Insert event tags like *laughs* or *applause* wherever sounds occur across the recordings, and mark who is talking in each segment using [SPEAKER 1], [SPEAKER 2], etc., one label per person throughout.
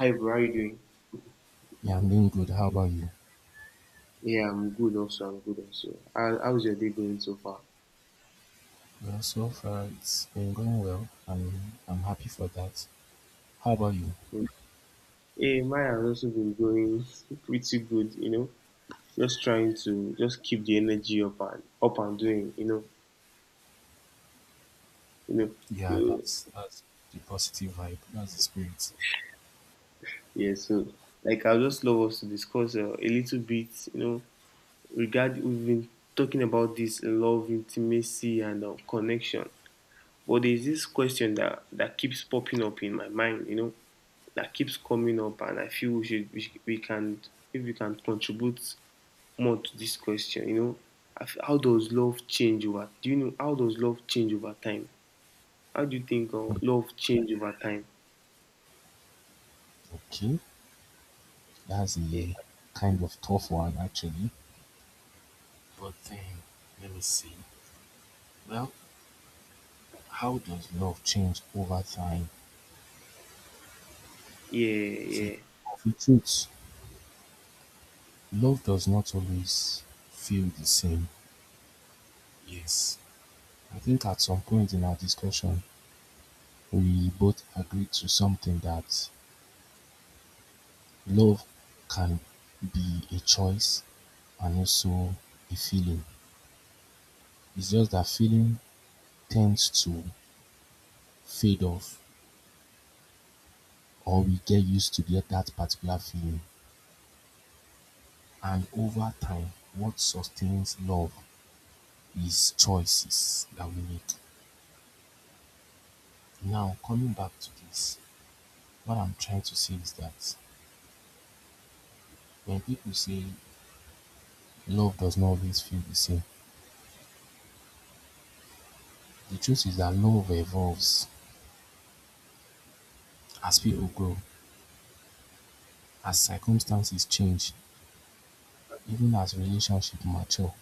[SPEAKER 1] Hi, bro. How are you doing?
[SPEAKER 2] Yeah, I'm doing good. How about you?
[SPEAKER 1] Yeah, I'm good also. I'm good also. How's your day going so far?
[SPEAKER 2] Yeah, so far it's been going well, and I'm happy for that. How about you?
[SPEAKER 1] Hey, mine has also been going *laughs* pretty good. Just trying to just keep the energy up and up and doing, you know.
[SPEAKER 2] Yeah,
[SPEAKER 1] So
[SPEAKER 2] that's the positive vibe. That's the spirit.
[SPEAKER 1] yeah, so like I'll just love us to discuss a little bit, regard we've been talking about this love, intimacy, and connection. But there's this question that keeps popping up in my mind, that keeps coming up, and I feel we can if we can contribute more to this question, how does love change over? Do you know how does love change over time? How do you think
[SPEAKER 2] Hmm.
[SPEAKER 1] love change over time?
[SPEAKER 2] Okay, that's
[SPEAKER 1] Yeah,
[SPEAKER 2] a kind of tough one actually. But then, let me see. Well, how does love change over time?
[SPEAKER 1] yeah,
[SPEAKER 2] Is it
[SPEAKER 1] yeah.
[SPEAKER 2] of the truth? Love does not always feel the same. Yes, I think at some point in our discussion, we both agreed to something that love can be a choice and also a feeling. It's just that feeling tends to fade off, or we get used to get that particular feeling, and over time what sustains love is choices that we make. Now coming back to this, what I'm trying to say is that when people say love does not always feel the same, the truth is that love evolves as people grow, as circumstances change. Even as relationships mature,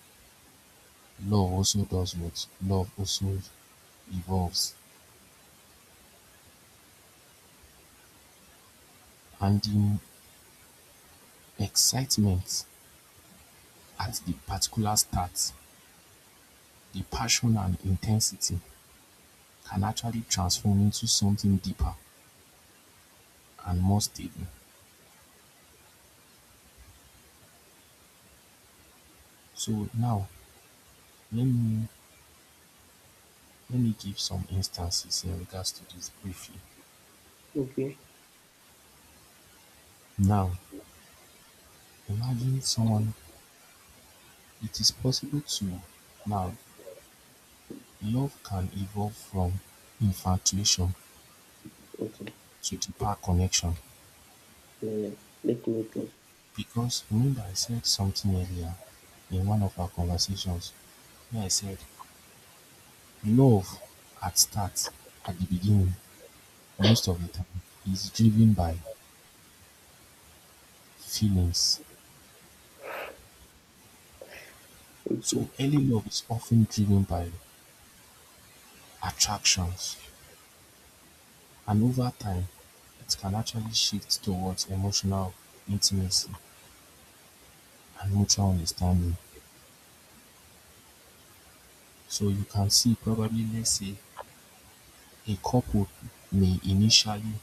[SPEAKER 2] love also does what? Love also evolves. And the excitement at the particular start, the passion and intensity can actually transform into something deeper and more stable. So now let me let me give some instances in regards to this briefly.
[SPEAKER 1] Okay.
[SPEAKER 2] Now imagine someone, it is possible to now love can evolve from infatuation
[SPEAKER 1] Okay.
[SPEAKER 2] to-deeper the power connection,
[SPEAKER 1] Yeah, yeah. Definitely.
[SPEAKER 2] because remember I said something earlier in one of our conversations where I said love at start at the beginning most of the time is driven by feelings. So
[SPEAKER 1] Okay.
[SPEAKER 2] early love is often driven by attractions, and over time it can actually shift towards emotional intimacy and mutual understanding. So you can see, probably let's say a couple may initially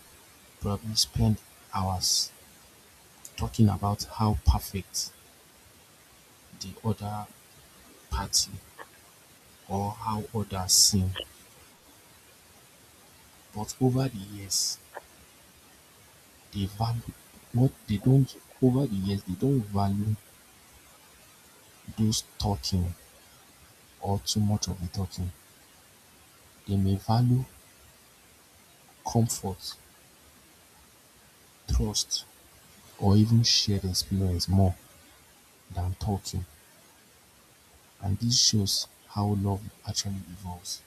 [SPEAKER 2] probably spend hours talking about how perfect the other party or how others seem, but over the years they value what they don't, over the years they don't value those talking or too much of the talking, they may value comfort, trust, or even shared experience more than talking, and this shows how love actually evolves.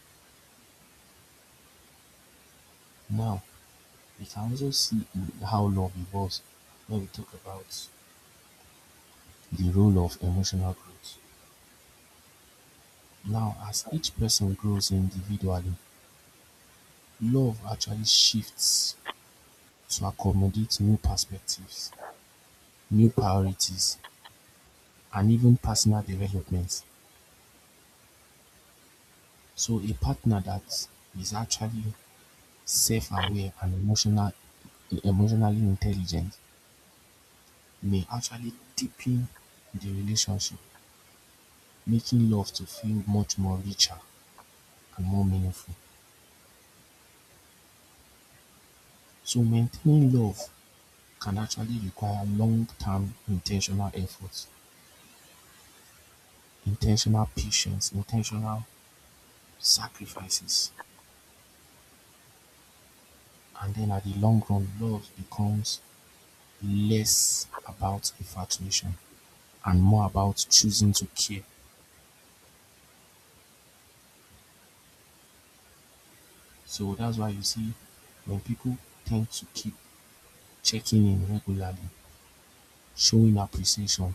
[SPEAKER 2] Now we can also see in how love evolves when we talk about the role of emotional growth. Now, as each person grows individually, love actually shifts to accommodate new perspectives, new priorities, and even personal development. So, a partner that is actually self-aware and emotionally intelligent may actually deepen the relationship, making love to feel much more richer and more meaningful. So maintaining love can actually require long-term intentional efforts, intentional patience, intentional sacrifices, and then at the long run, love becomes less about infatuation and more about choosing to care. So that's why you see when people tend to keep checking in regularly, showing appreciation,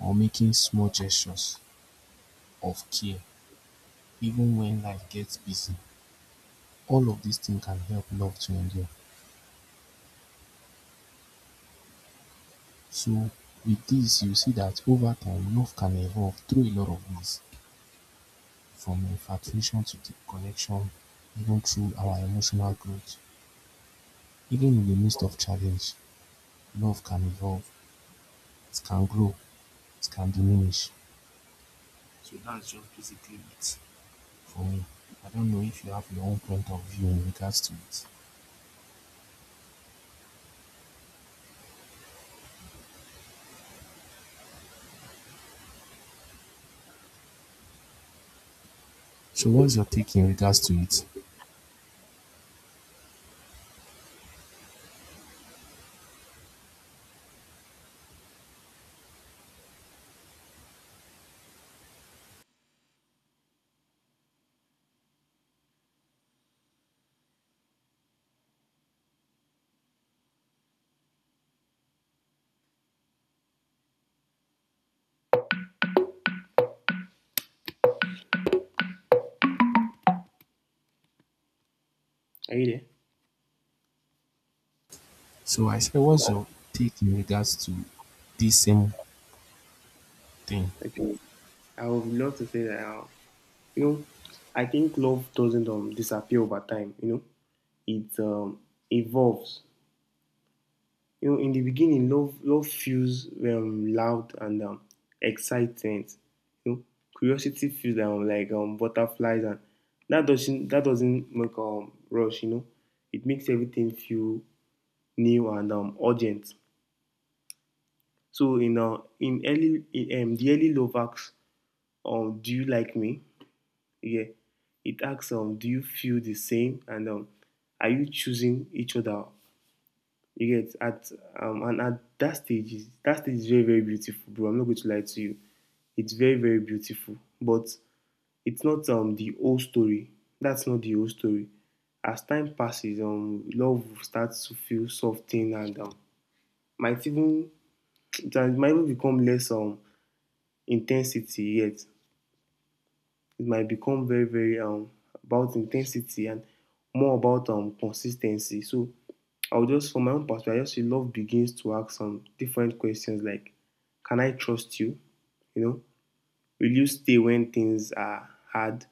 [SPEAKER 2] or making small gestures of care, even when life gets busy, all of these things can help love to endure. So with this you see that over time love can evolve through a lot of ways, from infatuation to deep connection, even through our emotional growth. Even in the midst of challenge, love can evolve, it can grow, it can diminish. So that's just basically it for me. I don't know if you have your own point of view in regards to it. So what's your take in regards to it?
[SPEAKER 1] Are you there?
[SPEAKER 2] So I said, what's your take in regards to this same thing?
[SPEAKER 1] Okay. I would love to say that. uh, you know i think love doesn't disappear over time. It evolves. You know, in the beginning love feels loud and excitement, you know, curiosity feels like butterflies, and that doesn't make rush, you know, it makes everything feel new and urgent. So in early in the early love acts do you like me? Yeah, it asks do you feel the same and are you choosing each other? You get at and at that stage is very very beautiful, bro. I'm not going to lie to you, it's very very beautiful, but it's not the whole story. That's not the whole story. As time passes, love starts to feel soften and might even *tsk* it might even become less intensity. Yet it might become very, very about intensity and more about consistency. So I'll just from my own perspective, I just love begins to ask some different questions, like can I trust you? You know, will you stay when things are hard?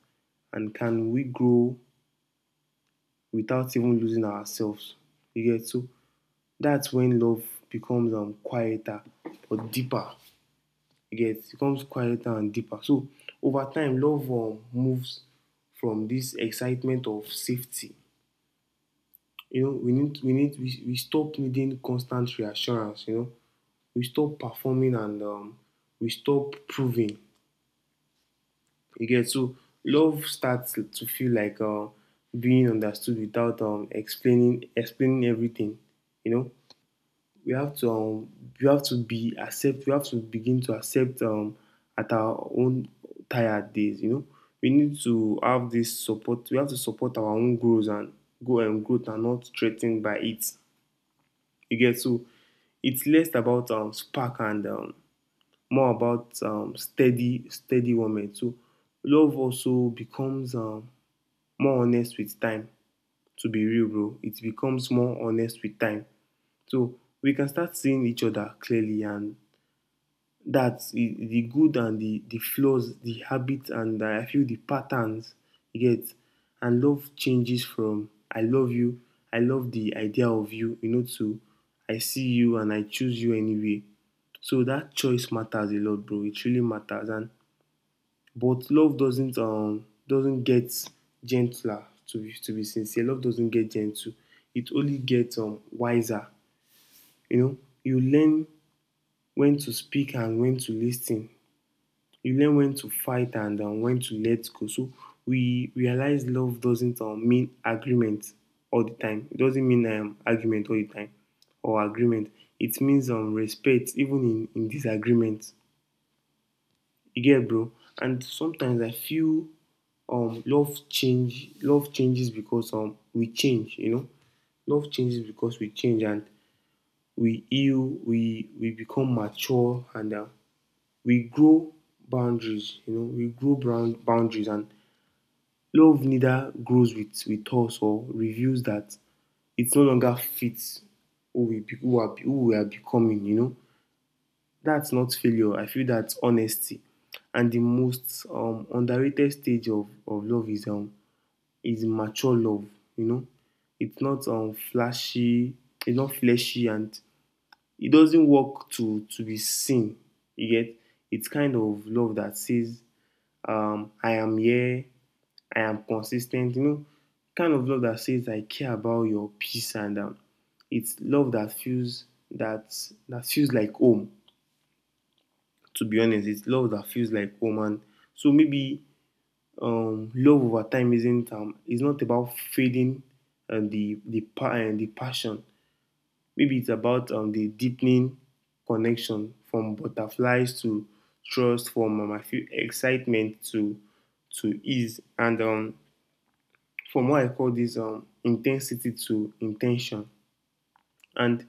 [SPEAKER 1] And can we grow without even losing ourselves? You get so that's when love becomes quieter or deeper, you get, it becomes quieter and deeper. So over time, love moves from this excitement of safety. You know, we stop needing constant reassurance. You know, we stop performing and we stop proving. You get it? So love starts to feel like being understood without explaining everything. You know, we have to um, we have to be accept we have to begin to accept at our own tired days. You know, we need to have this support, we have to support our own growth and go and growth and not threatened by it. You get, so it's less about spark and more about steady woman. So love also becomes more honest with time, to be real, bro. It becomes more honest with time. So we can start seeing each other clearly, and that's the good and the flaws, the habits and I feel the patterns, you get. And love changes from I love you, I love the idea of you, you know, to I see you and I choose you anyway. So that choice matters a lot, bro. It really matters. And but love doesn't get gentler, to be sincere. Love doesn't get gentle. It only gets wiser. You know, you learn when to speak and when to listen. You learn when to fight and when to let go. So we realize love doesn't mean agreement all the time. It doesn't mean argument all the time or agreement. It means respect even in disagreement. You get, bro? And sometimes I feel love changes because we change, you know. Love changes because we change, and we heal, we become mature and we grow boundaries, you know, we grow brown boundaries. And love neither grows with us or reveals that it no longer fits who we are becoming, you know. That's not failure. I feel that's honesty. And the most underrated stage of love is mature love. You know, it's not flashy. It's not fleshy, and it doesn't work to be seen. You get, it's kind of love that says, "I am here. I am consistent." You know, kind of love that says, "I care about your peace," and it's love that that feels like home. To be honest, it's love that feels like home. And so maybe love over time isn't it's not about fading and the passion. Maybe it's about the deepening connection from butterflies to trust, from I feel excitement to ease, and from what I call this intensity to intention. And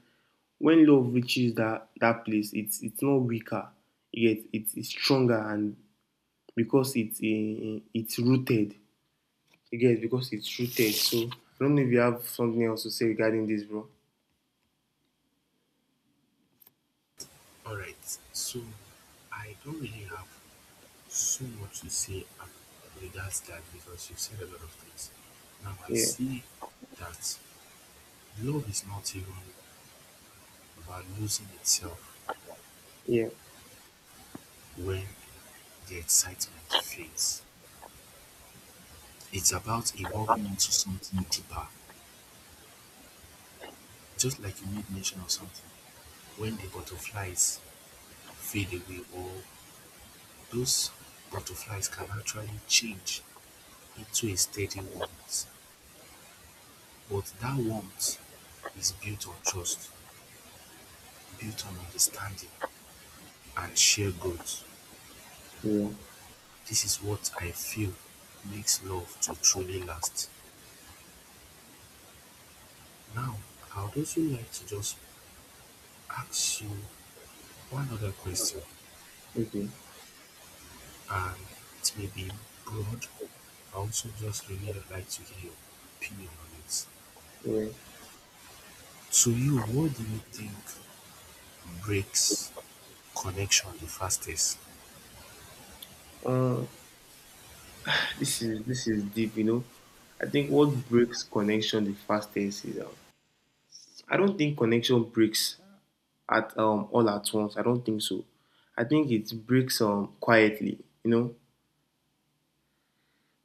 [SPEAKER 1] when love reaches that place, it's not weaker, yet it's stronger, and because it's a it's rooted. You get it? Because it's rooted. So I don't know if you have something else to say regarding this, bro.
[SPEAKER 2] All right. So I don't really have so much to say regards that, because you've said a lot of things. Now I
[SPEAKER 1] Yeah,
[SPEAKER 2] see that love is not even about losing itself
[SPEAKER 1] yeah,
[SPEAKER 2] when the excitement fades. It's about evolving into something deeper, just like you made mention of something. When the butterflies fade away, or those butterflies can actually change into a steady warmth. But that warmth is built on trust, built on understanding, and share growth.
[SPEAKER 1] yeah.
[SPEAKER 2] This is what I feel makes love to truly last. Now, I would also like to just ask you one other question,
[SPEAKER 1] Okay,
[SPEAKER 2] and it may be broad. I also just really would like to hear your opinion on it.
[SPEAKER 1] yeah.
[SPEAKER 2] To you, what do you think breaks connection the fastest?
[SPEAKER 1] Uh, this is deep. You know, I think what breaks connection the fastest is I don't think connection breaks at all at once. I don't think so. I think it breaks quietly. You know,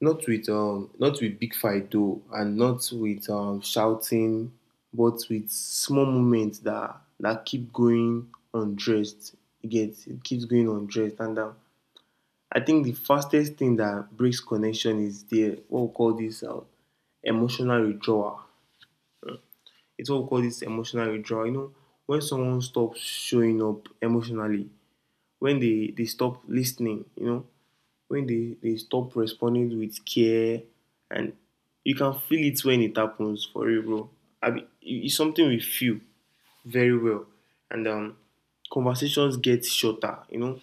[SPEAKER 1] not with not with big fight though, and not with shouting, but with small moments that keep going undressed. It gets, it keeps going undressed, and I think the fastest thing that breaks connection is the what we call this emotional withdrawal. It's what we call this emotional withdrawal. You know, when someone stops showing up emotionally, when they stop listening, you know, when they stop responding with care, and you can feel it when it happens for you, bro. I mean, it's something we feel very well, and conversations get shorter. You know,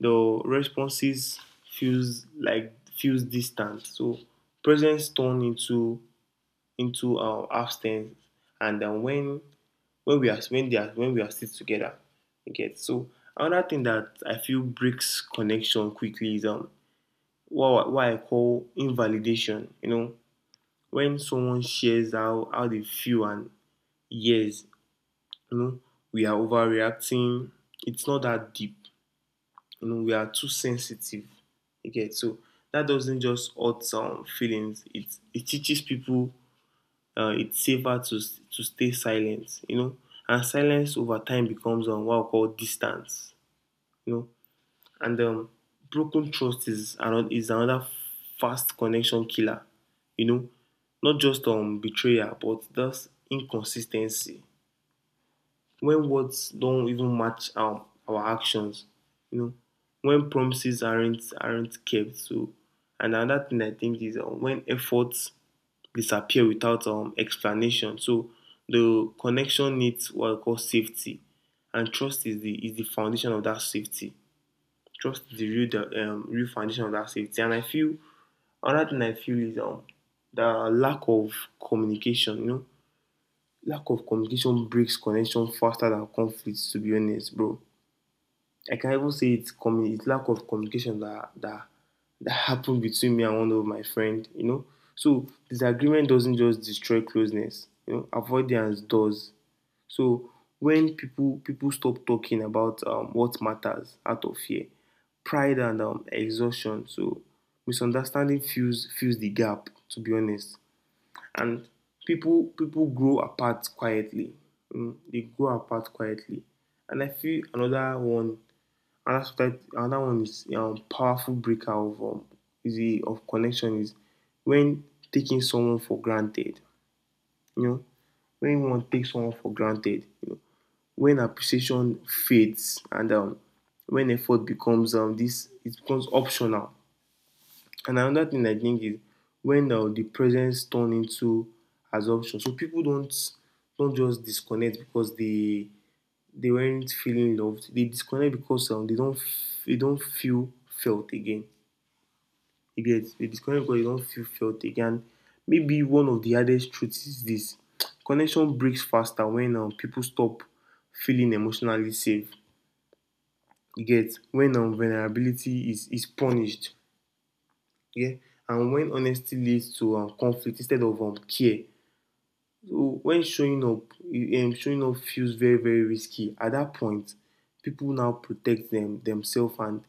[SPEAKER 1] the responses feels like feels distant. So presence turn into absence, and then when we are when they are when we are still together, you get so. Another thing that I feel breaks connection quickly is what I call invalidation. You know, when someone shares how they feel and yes, you know, we are overreacting. It's not that deep. You know, we are too sensitive. Okay, so that doesn't just hurt some feelings. It teaches people it's safer to stay silent. You know, and silence over time becomes what I call distance. You know, and broken trust is another fast connection killer. You know, not just betrayal, but that's inconsistency. When words don't even match our actions, you know, when promises aren't kept. So, and another thing I think is when efforts disappear without explanation. So the connection needs what I call safety, and trust is the foundation of that safety, just derail the real foundation of that safety. And I feel another thing I feel is the lack of communication. You know, lack of communication breaks connection faster than conflicts. To be honest, bro. Like, I can even say it's it's lack of communication that that happened between me and one of my friend. You know, so disagreement doesn't just destroy closeness. You know, avoidance does. So when people stop talking about what matters out of fear, pride and exhaustion, so misunderstanding fills the gap. To be honest, and people grow apart quietly. Mm, they grow apart quietly. And I feel another one, another sometimes another one is powerful breaker of is a of connection is when taking someone for granted. You know, when one takes someone for granted, you know, when appreciation fades and when effort becomes this it becomes optional. And another thing I think is when the presence turn into assumption. So people don't just disconnect because they weren't feeling loved. They disconnect because they don't f- they don't feel felt again. You get, they disconnect because they don't feel felt again. Maybe one of the hardest truths is this: connection breaks faster when people stop feeling emotionally safe. You get, when vulnerability is punished. Yeah, and when honesty leads to conflict instead of care. So when showing up feels very very risky. At that point, people now protect themselves and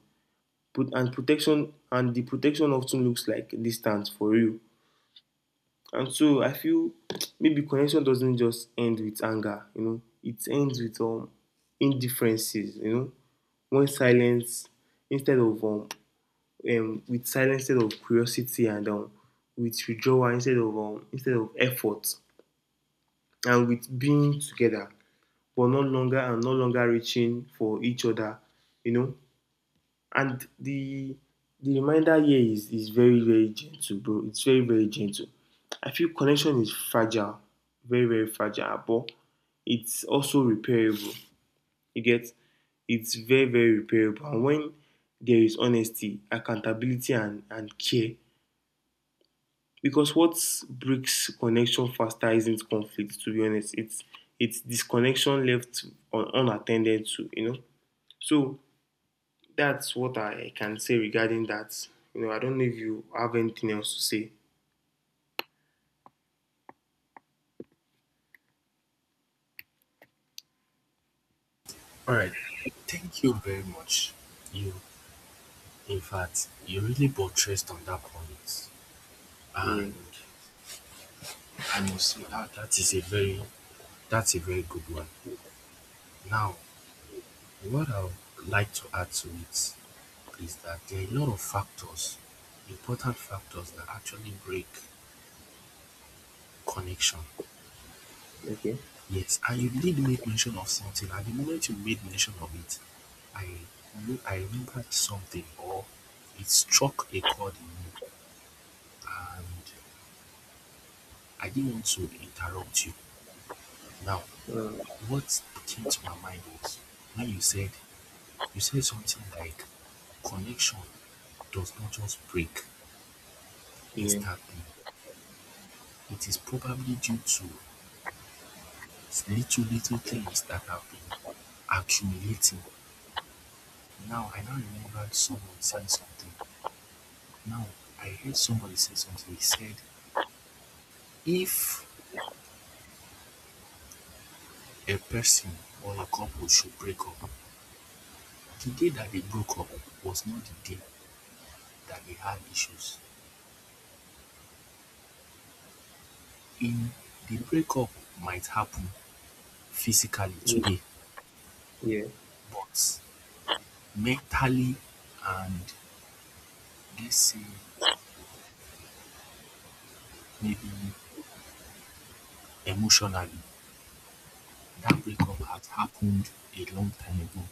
[SPEAKER 1] protection and the protection often looks like distance for real. And so I feel maybe connection doesn't just end with anger, you know, it ends with indifferences, you know, when silence instead of with silence instead of curiosity and with withdrawal instead of effort, and with being together but no longer and no longer reaching for each other, you know. And the reminder here is very very gentle, bro. It's very very gentle. I feel connection is fragile, very very fragile, but it's also repairable. You get, it's very very repairable, and when there is honesty, accountability and care, because what breaks connection faster isn't conflict, to be honest. It's disconnection left un unattended to, you know. So that's what I can say regarding that. You know, I don't know if you have anything else to say.
[SPEAKER 2] All right, thank you very much. You, in fact, you really buttressed on that point,
[SPEAKER 1] Yeah.
[SPEAKER 2] and I must say that that is a very That's a very good one. Now, what I would like to add to it is that there are a lot of factors, important factors that actually break connection.
[SPEAKER 1] Okay.
[SPEAKER 2] Yes, and you did make mention of something. At the moment you made mention of it, I I remembered something, or it struck a chord in me, and I didn't want to interrupt you. Now,
[SPEAKER 1] Uh,
[SPEAKER 2] what came to my mind was when you said, you say something like, connection does not just break
[SPEAKER 1] yeah.
[SPEAKER 2] instantly. It is probably due to little, little things that have been accumulating. Now, I now remembered someone saying something. Now, I heard somebody say something. He said, if a person or a couple should break up, the day that they broke up was not the day that they had issues. In The breakup might happen physically
[SPEAKER 1] Yeah.
[SPEAKER 2] today,
[SPEAKER 1] Yeah.
[SPEAKER 2] but mentally and, let's say, maybe emotionally, that breakup had happened a long time ago.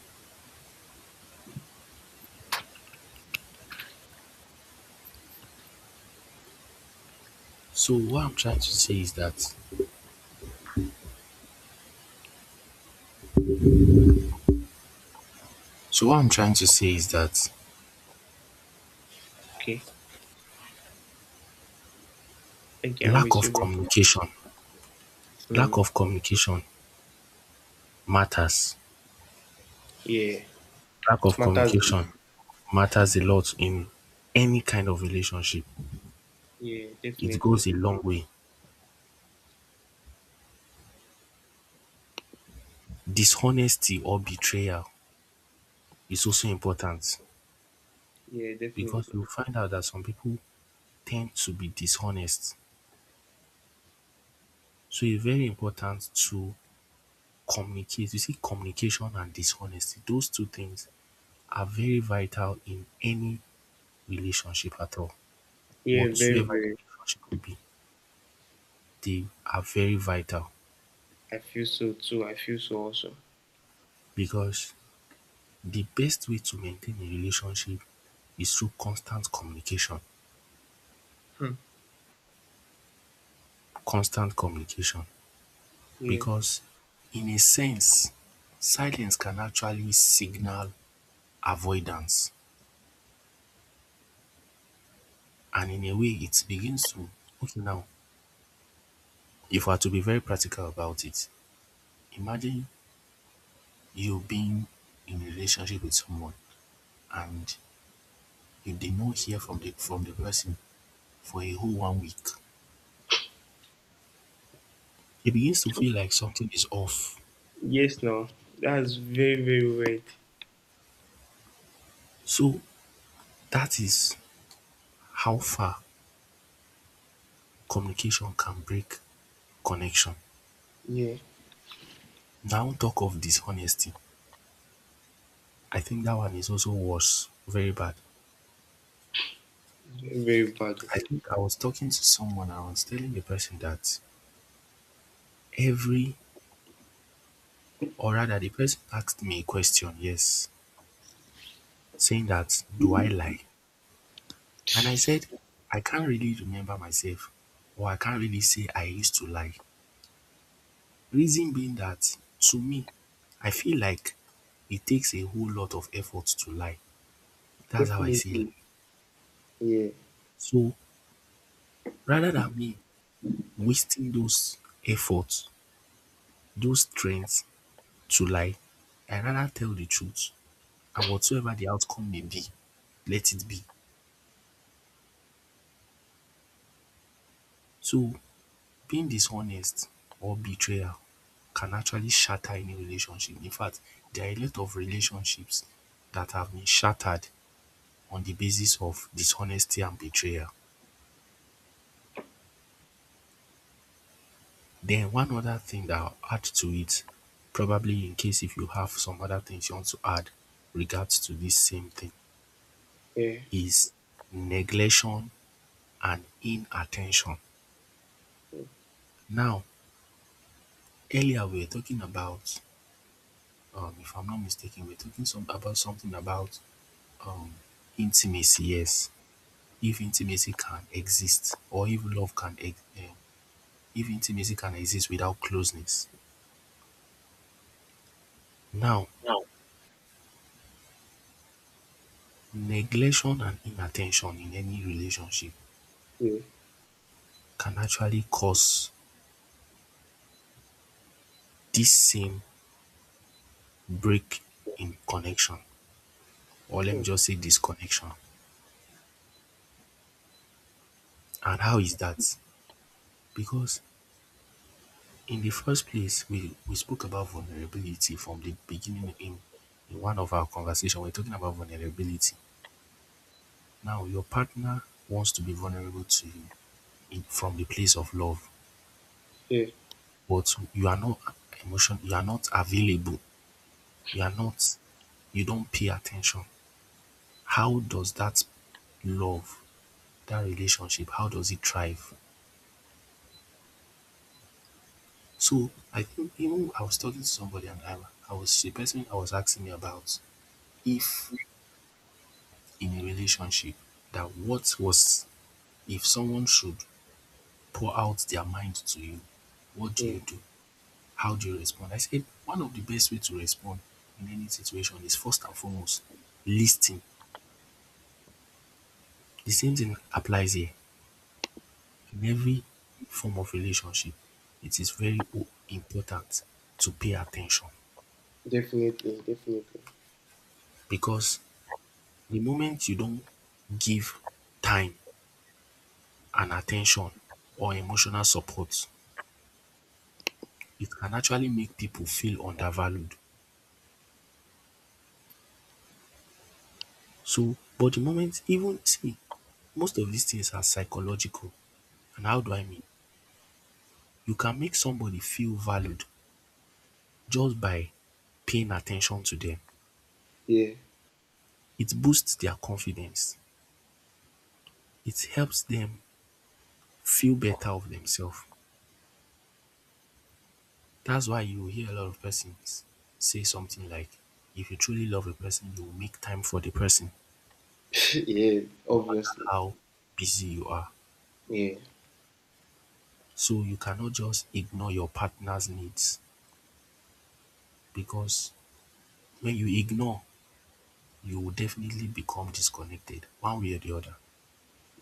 [SPEAKER 2] So what I'm trying to say is that so what I'm trying to say is that
[SPEAKER 1] Okay. Thank you. I
[SPEAKER 2] lack
[SPEAKER 1] miss you,
[SPEAKER 2] of
[SPEAKER 1] bro.
[SPEAKER 2] communication,
[SPEAKER 1] Hmm.
[SPEAKER 2] lack of communication matters.
[SPEAKER 1] Yeah.
[SPEAKER 2] Lack
[SPEAKER 1] It
[SPEAKER 2] of
[SPEAKER 1] matters.
[SPEAKER 2] communication matters a lot in any kind of relationship.
[SPEAKER 1] Yeah.
[SPEAKER 2] It goes
[SPEAKER 1] Definitely.
[SPEAKER 2] a long way. Dishonesty or betrayal is also important,
[SPEAKER 1] Yeah.
[SPEAKER 2] because
[SPEAKER 1] Definitely.
[SPEAKER 2] you find out that some people tend to be dishonest. So it's very important to communicate. You see, communication and dishonesty, those two things are very vital in any relationship at all.
[SPEAKER 1] Yeah. Very.
[SPEAKER 2] Whatsoever
[SPEAKER 1] Very.
[SPEAKER 2] the relationship be, they are very vital,
[SPEAKER 1] I feel so too. I feel so also.
[SPEAKER 2] because the best way to maintain a relationship is through constant communication.
[SPEAKER 1] Hmm.
[SPEAKER 2] Constant communication.
[SPEAKER 1] Yeah.
[SPEAKER 2] Because in a sense, silence can actually signal avoidance. And in a way, it begins to, okay, now if we are to be very practical about it, imagine you being in a relationship with someone and you did not hear from the person for a whole one week. It begins to feel like something is off.
[SPEAKER 1] Yes. No. That's very. Very weird.
[SPEAKER 2] So that is how far communication can break connection.
[SPEAKER 1] Yeah.
[SPEAKER 2] Now talk of dishonesty. I think that one is also worse, very bad.
[SPEAKER 1] It's very, very bad.
[SPEAKER 2] I think I was talking to someone and I was telling the person that every or rather, the person asked me a question, yes, saying that, do I lie? And I said, I can't really remember myself, or I can't really say I used to lie. Reason being that to me, I feel like it takes a whole lot of effort to lie. That's how I see life.
[SPEAKER 1] Definitely. Yeah.
[SPEAKER 2] So rather than me wasting those efforts, those strengths to lie, I rather tell the truth, and whatsoever the outcome may be, let it be. So being dishonest or betrayal can actually shatter any relationship. In fact, there are a lot of relationships that have been shattered on the basis of dishonesty and betrayal. Then one other thing that I'll add to it, probably in case if you have some other things you want to add regards to this same thing,
[SPEAKER 1] Yeah.
[SPEAKER 2] is neglection and inattention. Now, earlier we were talking about, if I'm not mistaken, we were talking some about something about um intimacy, yes, if intimacy can exist, or if love if intimacy can exist without closeness. Now, neglection and inattention in any relationship
[SPEAKER 1] Yeah.
[SPEAKER 2] can actually cause this same break in connection, or let me just say disconnection. And how is that? Because in the first place we spoke about vulnerability from the beginning, in one of our conversation we're talking about vulnerability. Now, your partner wants to be vulnerable to you, in, from the place of love,
[SPEAKER 1] Yeah.
[SPEAKER 2] but you are not available, you are not, you don't pay attention. How does that love, that relationship, how does it thrive? So I think even I was talking to somebody, and I was the person I was asking me about if in a relationship, that what was if someone should pour out their mind to you, what do
[SPEAKER 1] Yeah.
[SPEAKER 2] you do? How do you respond? I said one of the best way to respond in any situation is first and foremost listening. The same thing applies here in every form of relationship. It is very important to pay attention,
[SPEAKER 1] Definitely, definitely.
[SPEAKER 2] because the moment you don't give time and attention or emotional support, it can actually make people feel undervalued. So, but the moment even see, most of these things are psychological. And how do I mean? You can make somebody feel valued just by paying attention to them.
[SPEAKER 1] Yeah,
[SPEAKER 2] It boosts their confidence. It helps them feel better of themselves. That's why you hear a lot of persons say something like, if you truly love a person, you will make time for the person,
[SPEAKER 1] *laughs* yeah,
[SPEAKER 2] no matter
[SPEAKER 1] obviously.
[SPEAKER 2] how busy you are.
[SPEAKER 1] Yeah,
[SPEAKER 2] So you cannot just ignore your partner's needs, because when you ignore, you will definitely become disconnected one way or the other,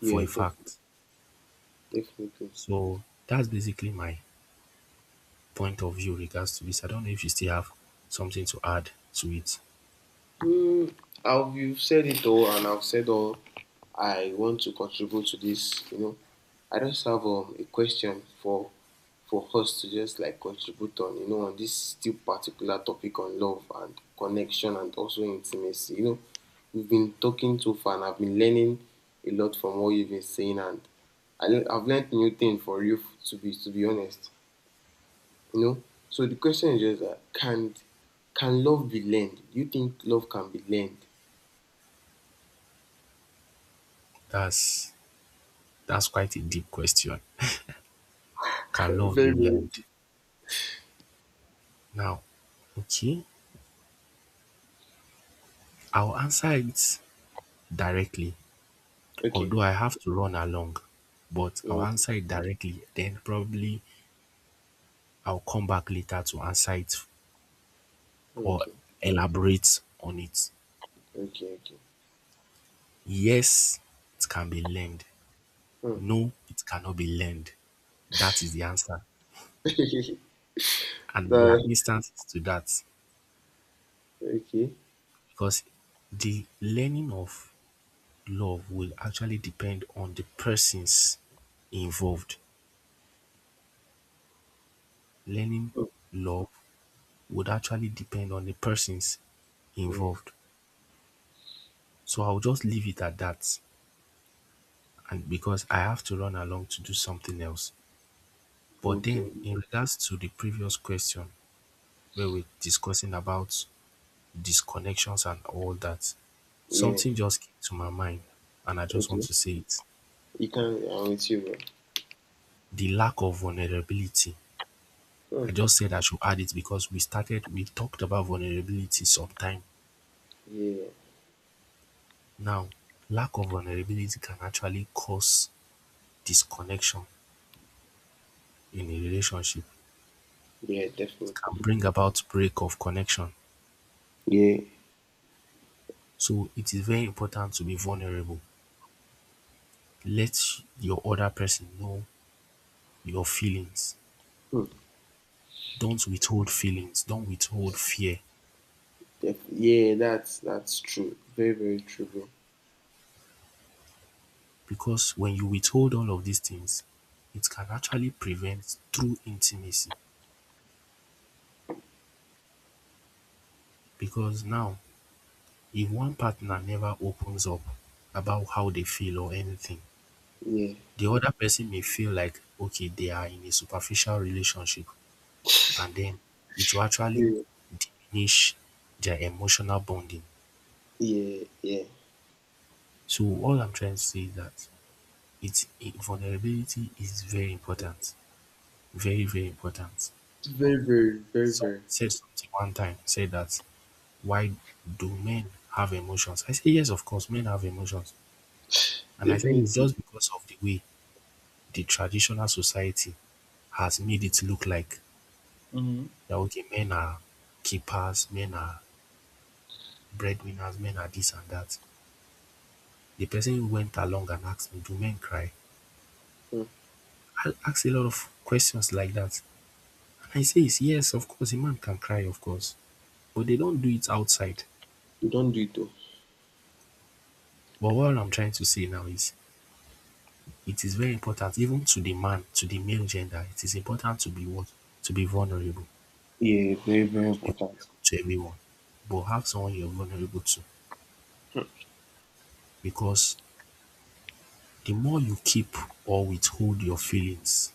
[SPEAKER 2] for a fact.
[SPEAKER 1] definitely.
[SPEAKER 2] So that's basically my point of view regards to this. I don't know if you still have something to add to it.
[SPEAKER 1] Mm, I've you've said it all, and I've said all I want to contribute to this. You know, I just have a question for us to just like contribute on. You know, on this still particular topic on love and connection and also intimacy. You know, we've been talking too far, and I've been learning a lot from what you've been saying, and I learn, I've learned new thing for you to be honest. You know, so the question is just that can love be learned? Do you think love can be learned?
[SPEAKER 2] That's that's quite a deep question. Can love be
[SPEAKER 1] Very, very.
[SPEAKER 2] learned? Now, okay, I'll answer it directly,
[SPEAKER 1] Okay.
[SPEAKER 2] although I have to run along, but I'll
[SPEAKER 1] Oh,
[SPEAKER 2] answer it directly. Then probably I'll come back later to answer it or
[SPEAKER 1] okay.
[SPEAKER 2] elaborate on it.
[SPEAKER 1] Okay. Okay.
[SPEAKER 2] Yes, it can be learned.
[SPEAKER 1] Huh.
[SPEAKER 2] No, it cannot be learned. That is the answer.
[SPEAKER 1] *laughs*
[SPEAKER 2] And there
[SPEAKER 1] That.
[SPEAKER 2] are instances to that.
[SPEAKER 1] Okay.
[SPEAKER 2] Because the learning of love will actually depend on the persons involved. Learning
[SPEAKER 1] Hmm.
[SPEAKER 2] love would actually depend on the persons
[SPEAKER 1] Yeah.
[SPEAKER 2] involved. So I'll just leave it at that and because I have to run along to do something else. But then
[SPEAKER 1] Okay.
[SPEAKER 2] in regards to the previous question where we're discussing about disconnections and all that,
[SPEAKER 1] Yeah.
[SPEAKER 2] something just came to my mind and I just want
[SPEAKER 1] Okay.
[SPEAKER 2] to say it.
[SPEAKER 1] You can. I'm with you, bro.
[SPEAKER 2] The lack of vulnerability.
[SPEAKER 1] Huh.
[SPEAKER 2] I just said I should add it because we talked about vulnerability sometime.
[SPEAKER 1] Yeah.
[SPEAKER 2] Now, lack of vulnerability can actually cause disconnection in a relationship.
[SPEAKER 1] Yeah.
[SPEAKER 2] It can
[SPEAKER 1] Definitely.
[SPEAKER 2] bring about break of connection.
[SPEAKER 1] Yeah.
[SPEAKER 2] So it is very important to be vulnerable. Let your other person know your feelings.
[SPEAKER 1] Hmm.
[SPEAKER 2] Don't withhold feelings. Don't withhold fear.
[SPEAKER 1] Yeah. That's true. Very very true, bro.
[SPEAKER 2] Because when you withhold all of these things, it can actually prevent true intimacy. Because now, if one partner never opens up about how they feel or anything,
[SPEAKER 1] Yeah.
[SPEAKER 2] the other person may feel like, okay, they are in a superficial relationship, and then it will actually
[SPEAKER 1] Yeah.
[SPEAKER 2] diminish their emotional bonding.
[SPEAKER 1] Yeah. Yeah.
[SPEAKER 2] So, all I'm trying to say is that vulnerability is very important, very, very important.
[SPEAKER 1] It's very very very
[SPEAKER 2] Someone
[SPEAKER 1] very
[SPEAKER 2] said something one time, said that why do men have emotions? I say, yes, of course, men have emotions. And I said it's
[SPEAKER 1] definitely.
[SPEAKER 2] just because of the way the traditional society has made it look like that okay, men are keepers, men are breadwinners, men are this and that. The person who went along and asked me, do men cry?
[SPEAKER 1] Huh.
[SPEAKER 2] I asked a lot of questions like that. And I say, yes, of course, a man can cry, of course. But they don't do it outside.
[SPEAKER 1] You don't do it though.
[SPEAKER 2] But what I'm trying to say now is it is very important, even to the man, to the male gender, it is important to be what? To be vulnerable.
[SPEAKER 1] Yeah. Very
[SPEAKER 2] You
[SPEAKER 1] very
[SPEAKER 2] have to be
[SPEAKER 1] important.
[SPEAKER 2] vulnerable to everyone. But have someone you're vulnerable to. Because the more you keep or withhold your feelings,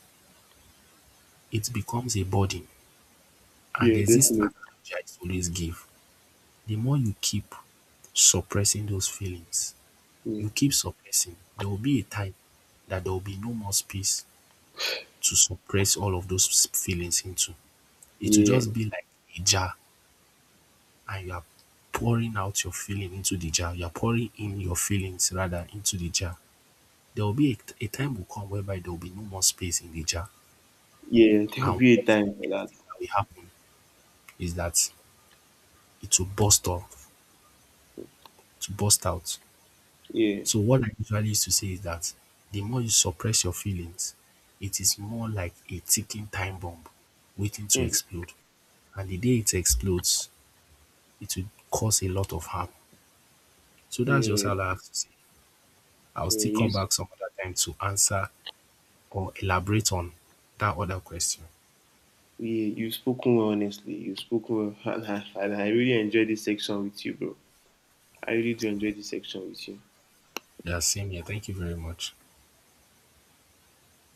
[SPEAKER 2] it becomes a burden. And
[SPEAKER 1] Yeah.
[SPEAKER 2] there's this
[SPEAKER 1] Definitely.
[SPEAKER 2] analogy I always give. The more you keep suppressing those feelings,
[SPEAKER 1] Yeah.
[SPEAKER 2] you keep suppressing, there will be a time that there will be no more space to suppress all of those feelings into. It will
[SPEAKER 1] Yeah.
[SPEAKER 2] just be like a jar and you are pouring out your feeling into the jar. You are pouring in your feelings rather into the jar. There will be a time will come whereby there will be no more space in the jar.
[SPEAKER 1] Yeah, there will
[SPEAKER 2] And
[SPEAKER 1] be a
[SPEAKER 2] what's the
[SPEAKER 1] time for
[SPEAKER 2] next
[SPEAKER 1] that.
[SPEAKER 2] thing that will happen is that it will burst off, to burst out.
[SPEAKER 1] Yeah.
[SPEAKER 2] So what I usually used to say is that the more you suppress your feelings, it is more like a ticking time bomb waiting to
[SPEAKER 1] Mm.
[SPEAKER 2] explode. And the day it explodes, it will cause a lot of harm. So that's just
[SPEAKER 1] Yeah.
[SPEAKER 2] all I have to say. I'll still
[SPEAKER 1] Yeah. You,
[SPEAKER 2] come back some other time to answer or elaborate on that other question.
[SPEAKER 1] yeah. You've spoken well, honestly. You've spoken well. *laughs* And I really enjoyed this section with you, bro. I really do enjoy this section with you.
[SPEAKER 2] Yeah, same here. Thank you very much.